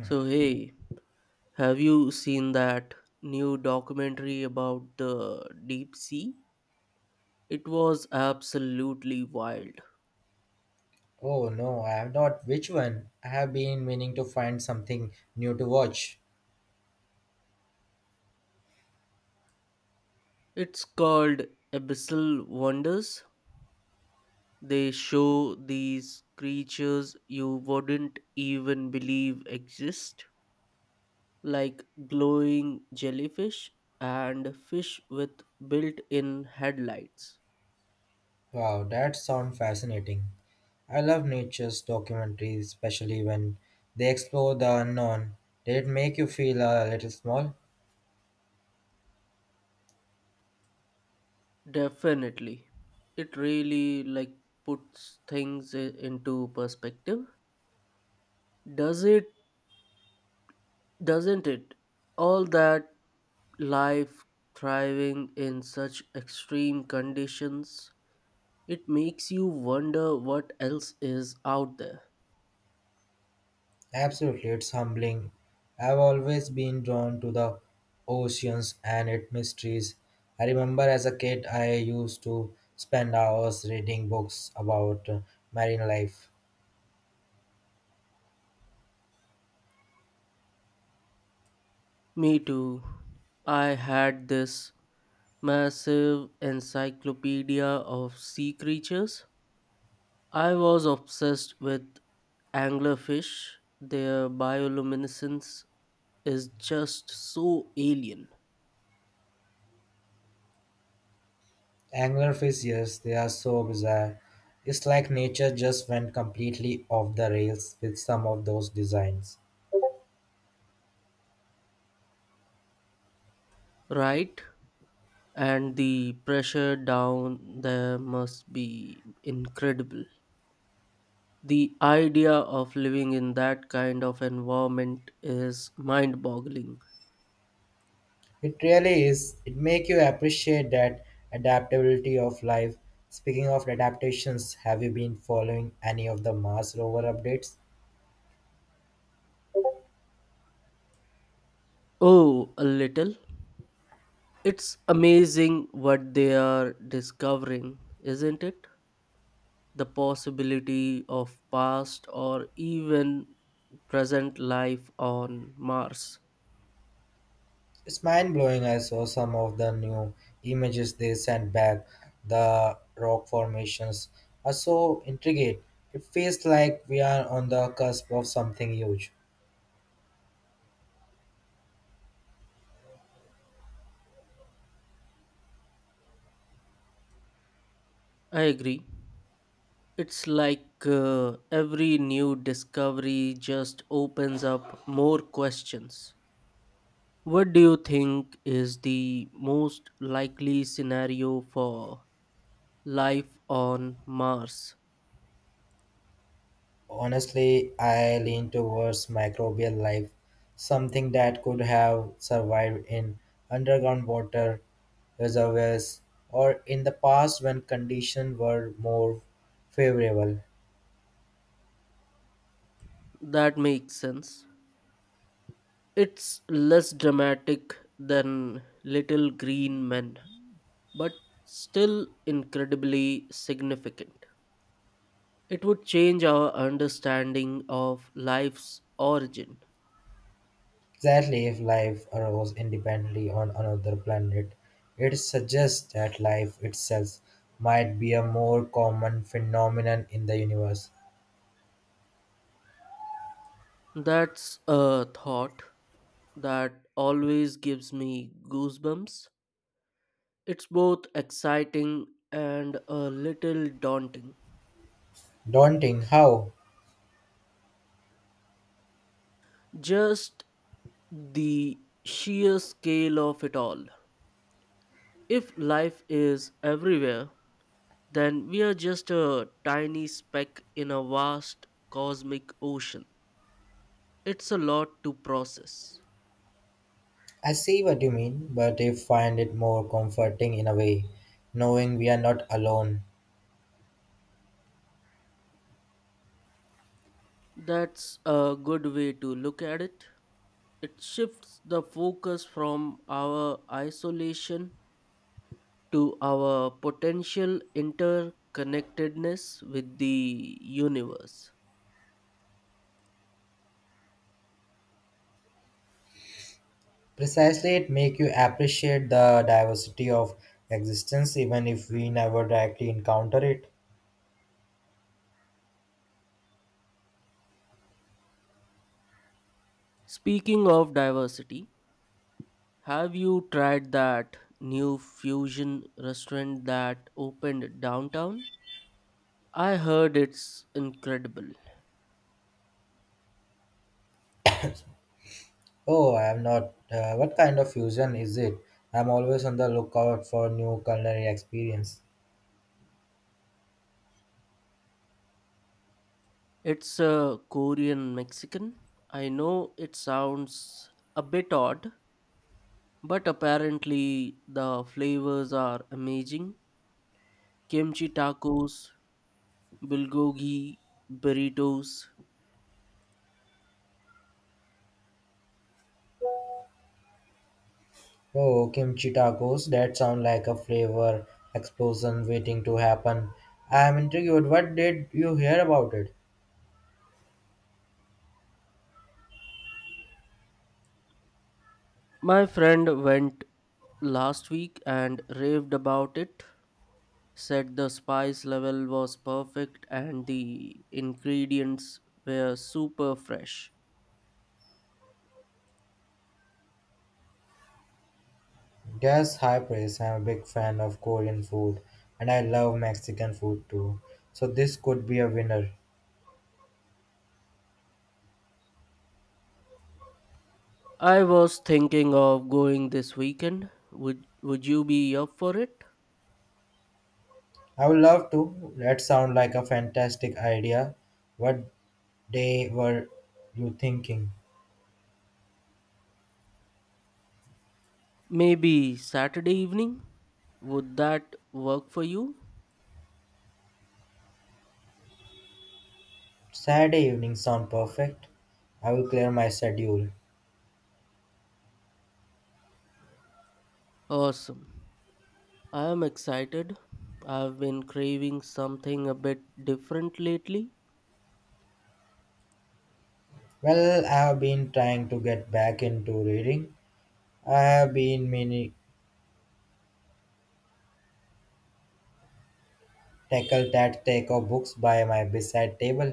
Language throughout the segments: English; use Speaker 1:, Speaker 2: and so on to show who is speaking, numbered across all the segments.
Speaker 1: So, hey, have you seen that new documentary about the deep sea? It was absolutely wild.
Speaker 2: Oh no, I have not. Which one? I have been meaning to find something new to watch.
Speaker 1: It's called Abyssal Wonders. They show these creatures you wouldn't even believe exist, like glowing jellyfish and fish with built in headlights.
Speaker 2: Wow, that sounds fascinating. I love nature's documentaries, especially when they explore the unknown. Did it make you feel a little small?
Speaker 1: Definitely. It really like puts into perspective. Does it doesn't it? All that life thriving in such extreme conditions, it makes you wonder what else is out there.
Speaker 2: Absolutely, it's humbling. I've always been drawn to the oceans and its mysteries. I remember as a kid, I used to spend hours reading books about marine life.
Speaker 1: Me too. I had this massive encyclopedia of sea creatures. I was obsessed with anglerfish. Their bioluminescence is just so alien,
Speaker 2: Anglerfish, yes, they are so bizarre. It's like nature just went completely off the rails with some of those designs.
Speaker 1: right? And the pressure down there must be incredible. The idea of living in that kind of environment is mind boggling.
Speaker 2: It really is. It make you appreciate that adaptability of life. Speaking of adaptations, have you been following any of the Mars rover updates?
Speaker 1: Oh, a little. It's amazing what they are discovering, isn't it? The possibility of past or even present life on Mars.
Speaker 2: It's mind blowing. I saw some of the new images they sent back. The rock formations are so intricate. It feels like we are on the cusp of something huge.
Speaker 1: I agree. It's like every new discovery just opens up more questions. What do you think is the most likely scenario for life on Mars?
Speaker 2: Honestly, I lean towards microbial life, something that could have survived in underground water reservoirs or in the past when conditions were more favorable.
Speaker 1: That makes sense. It's less dramatic than Little Green Men, but still incredibly significant. It would change our understanding of life's origin.
Speaker 2: Exactly, if life arose independently on another planet, it suggests that life itself might be a more common phenomenon in the universe.
Speaker 1: That's a thought that always gives me goosebumps. It's both exciting and a little daunting.
Speaker 2: Daunting, how?
Speaker 1: Just the sheer scale of it all. If life is everywhere, then we are just a tiny speck in a vast cosmic ocean. It's a lot to process.
Speaker 2: I see what you mean, but I find it more comforting in a way, knowing we are not alone.
Speaker 1: That's a good way to look at it. It shifts the focus from our isolation to our potential interconnectedness with the universe.
Speaker 2: Precisely, it makes you appreciate the diversity of existence, even if we never directly encounter it.
Speaker 1: Speaking of diversity, have you tried that new fusion restaurant that opened downtown? I heard it's incredible.
Speaker 2: Oh, I am not. What kind of fusion is it? I'm always on the lookout for new culinary experience.
Speaker 1: It's a Korean Mexican. I know it sounds a bit odd, but apparently the flavors are amazing. Kimchi tacos, bulgogi burritos.
Speaker 2: Oh, kimchi tacos. That sound like a flavor explosion waiting to happen. I am intrigued. What did you hear about it?
Speaker 1: My friend went last week and raved about it. Said the spice level was perfect and the ingredients were super fresh.
Speaker 2: Yes, high praise. I'm a big fan of Korean food and I love Mexican food too. So this could be a winner.
Speaker 1: I was thinking of going this weekend. Would you be up for it?
Speaker 2: I would love to. That sounds like a fantastic idea. What day were you thinking?
Speaker 1: Maybe Saturday evening? Would that work for you?
Speaker 2: Saturday evening sound perfect. I will clear my schedule.
Speaker 1: Awesome. I am excited. I've been craving something a bit different lately.
Speaker 2: Well, I have been trying to get back into reading. I have been meaning tackle that take of books by my bedside table.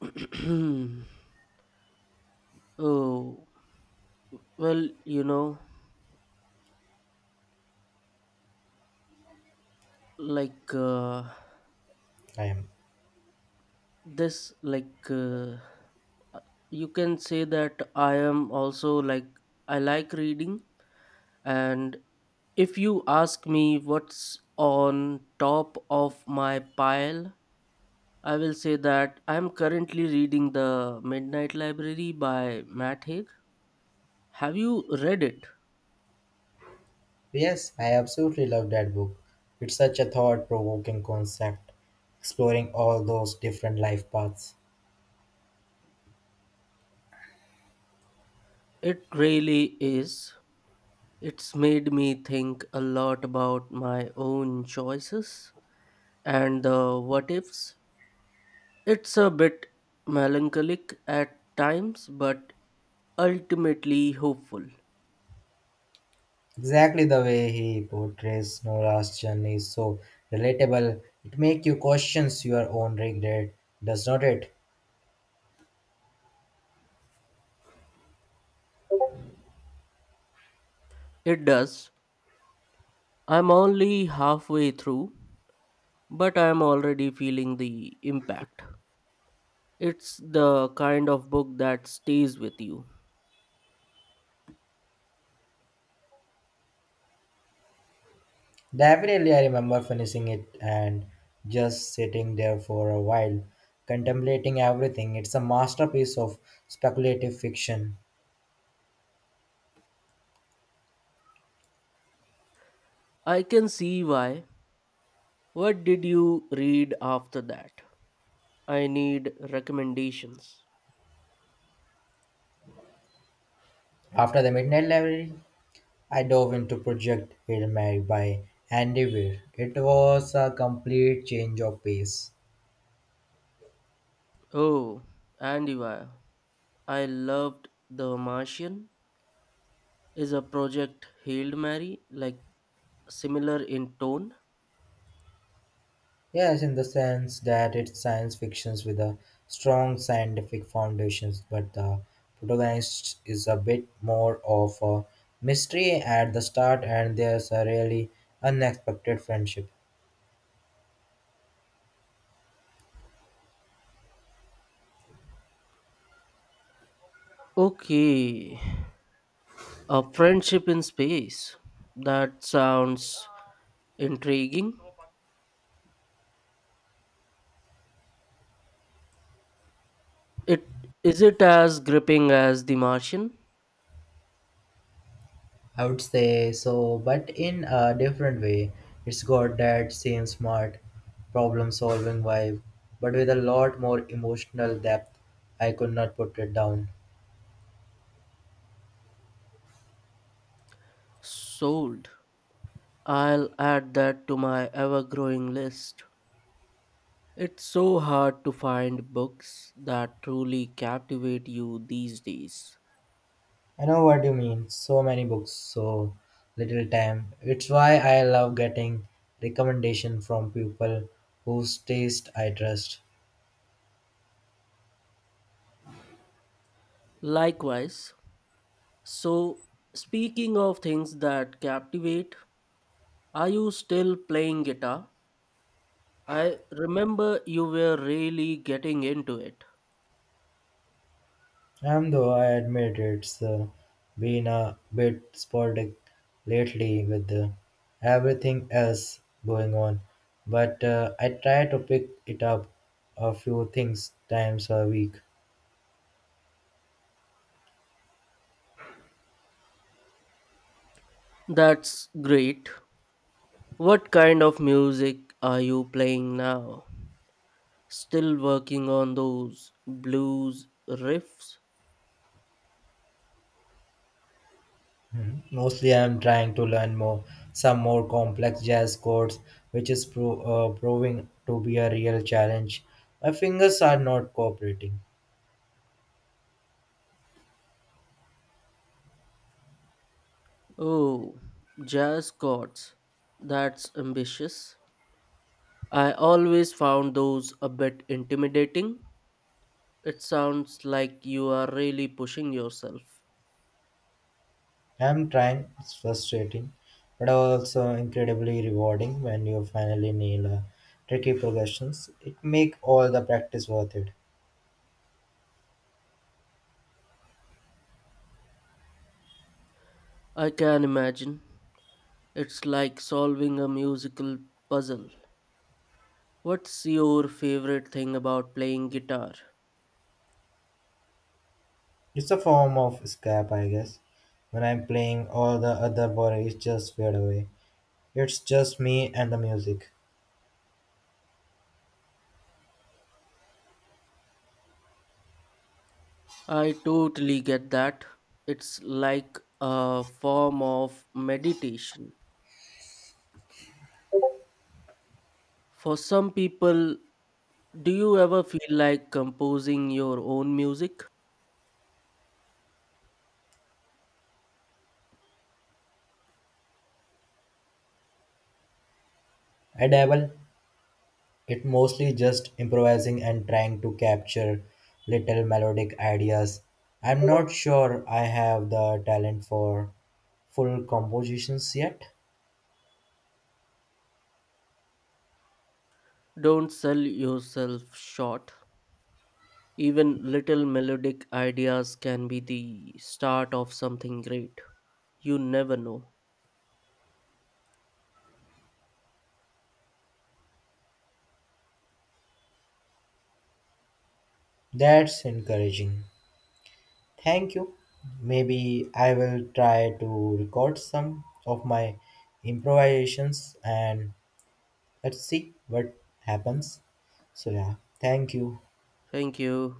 Speaker 1: Oh, well, like uh,
Speaker 2: I am.
Speaker 1: this like you can say that I am also like I like reading, and if you ask me what's on top of my pile, I will say that I am currently reading The Midnight Library by Matt Haig. Have you read it?
Speaker 2: Yes, I absolutely love that book. It's such a thought provoking concept, exploring all those different life paths.
Speaker 1: It really is. It's made me think a lot about my own choices. And the what ifs? It's a bit melancholic at times, but ultimately hopeful.
Speaker 2: Exactly the way he portrays Nora's journey is so relatable. It makes you question your own regret, does not it?
Speaker 1: It does. I'm only halfway through, but I'm already feeling the impact. It's the kind of book that stays with you.
Speaker 2: Definitely, I remember finishing it and just sitting there for a while, contemplating everything. It's a masterpiece of speculative fiction.
Speaker 1: I can see why. What did you read after that? I need recommendations.
Speaker 2: After the Midnight Library, I dove into Project Hail Mary by Andy Weir. It was a complete change of pace.
Speaker 1: Oh, and you are. I loved The Martian. Is a project Hailed Mary like similar in tone.
Speaker 2: Yes, in the sense that it's science fiction with a strong scientific foundations, but the protagonist is a bit more of a mystery at the start, and there's a really unexpected friendship.
Speaker 1: Okay, a friendship in space. That sounds intriguing. It is it as gripping as The Martian?
Speaker 2: I would say so, but in a different way. It's got that same smart, problem solving vibe, but with a lot more emotional depth. I could not put it down.
Speaker 1: Sold. I'll add that to my ever-growing list. It's so hard to find books that truly captivate you these days.
Speaker 2: I know what you mean. So many books, so little time. It's why I love getting recommendation from people whose taste I trust.
Speaker 1: Likewise, so speaking of things that captivate, are you still playing guitar? I remember you were really getting into it.
Speaker 2: Though I admit it's been a bit sporadic lately with everything else going on, but I try to pick it up a few things times a week.
Speaker 1: That's great. What kind of music are you playing now? Still working on those blues riffs?
Speaker 2: Mhm. Mostly, I'm trying to learn more some more complex jazz chords, which is proving to be a real challenge. My fingers are not cooperating.
Speaker 1: Oh, jazz chords. That's ambitious. I always found those a bit intimidating. It sounds like you are really pushing yourself.
Speaker 2: I'm trying, it's frustrating, but also incredibly rewarding when you finally nail a tricky progressions. It make all the practice worth it.
Speaker 1: I can imagine. It's like solving a musical puzzle. What's your favorite thing about playing guitar?
Speaker 2: It's a form of escape, I guess. When I'm playing, all the other worries just fade away. It's just me and the music.
Speaker 1: I totally get that. It's like a form of meditation. For some people, do you ever feel like composing your own music?
Speaker 2: I dabble. It mostly just improvising and trying to capture little melodic ideas. I'm not sure I have the talent for full compositions yet.
Speaker 1: Don't sell yourself short. Even little melodic ideas can be the start of something great. You never know.
Speaker 2: That's encouraging. Thank you. Maybe I will try to record some of my improvisations and let's see what happens. So, yeah, thank you.
Speaker 1: Thank you.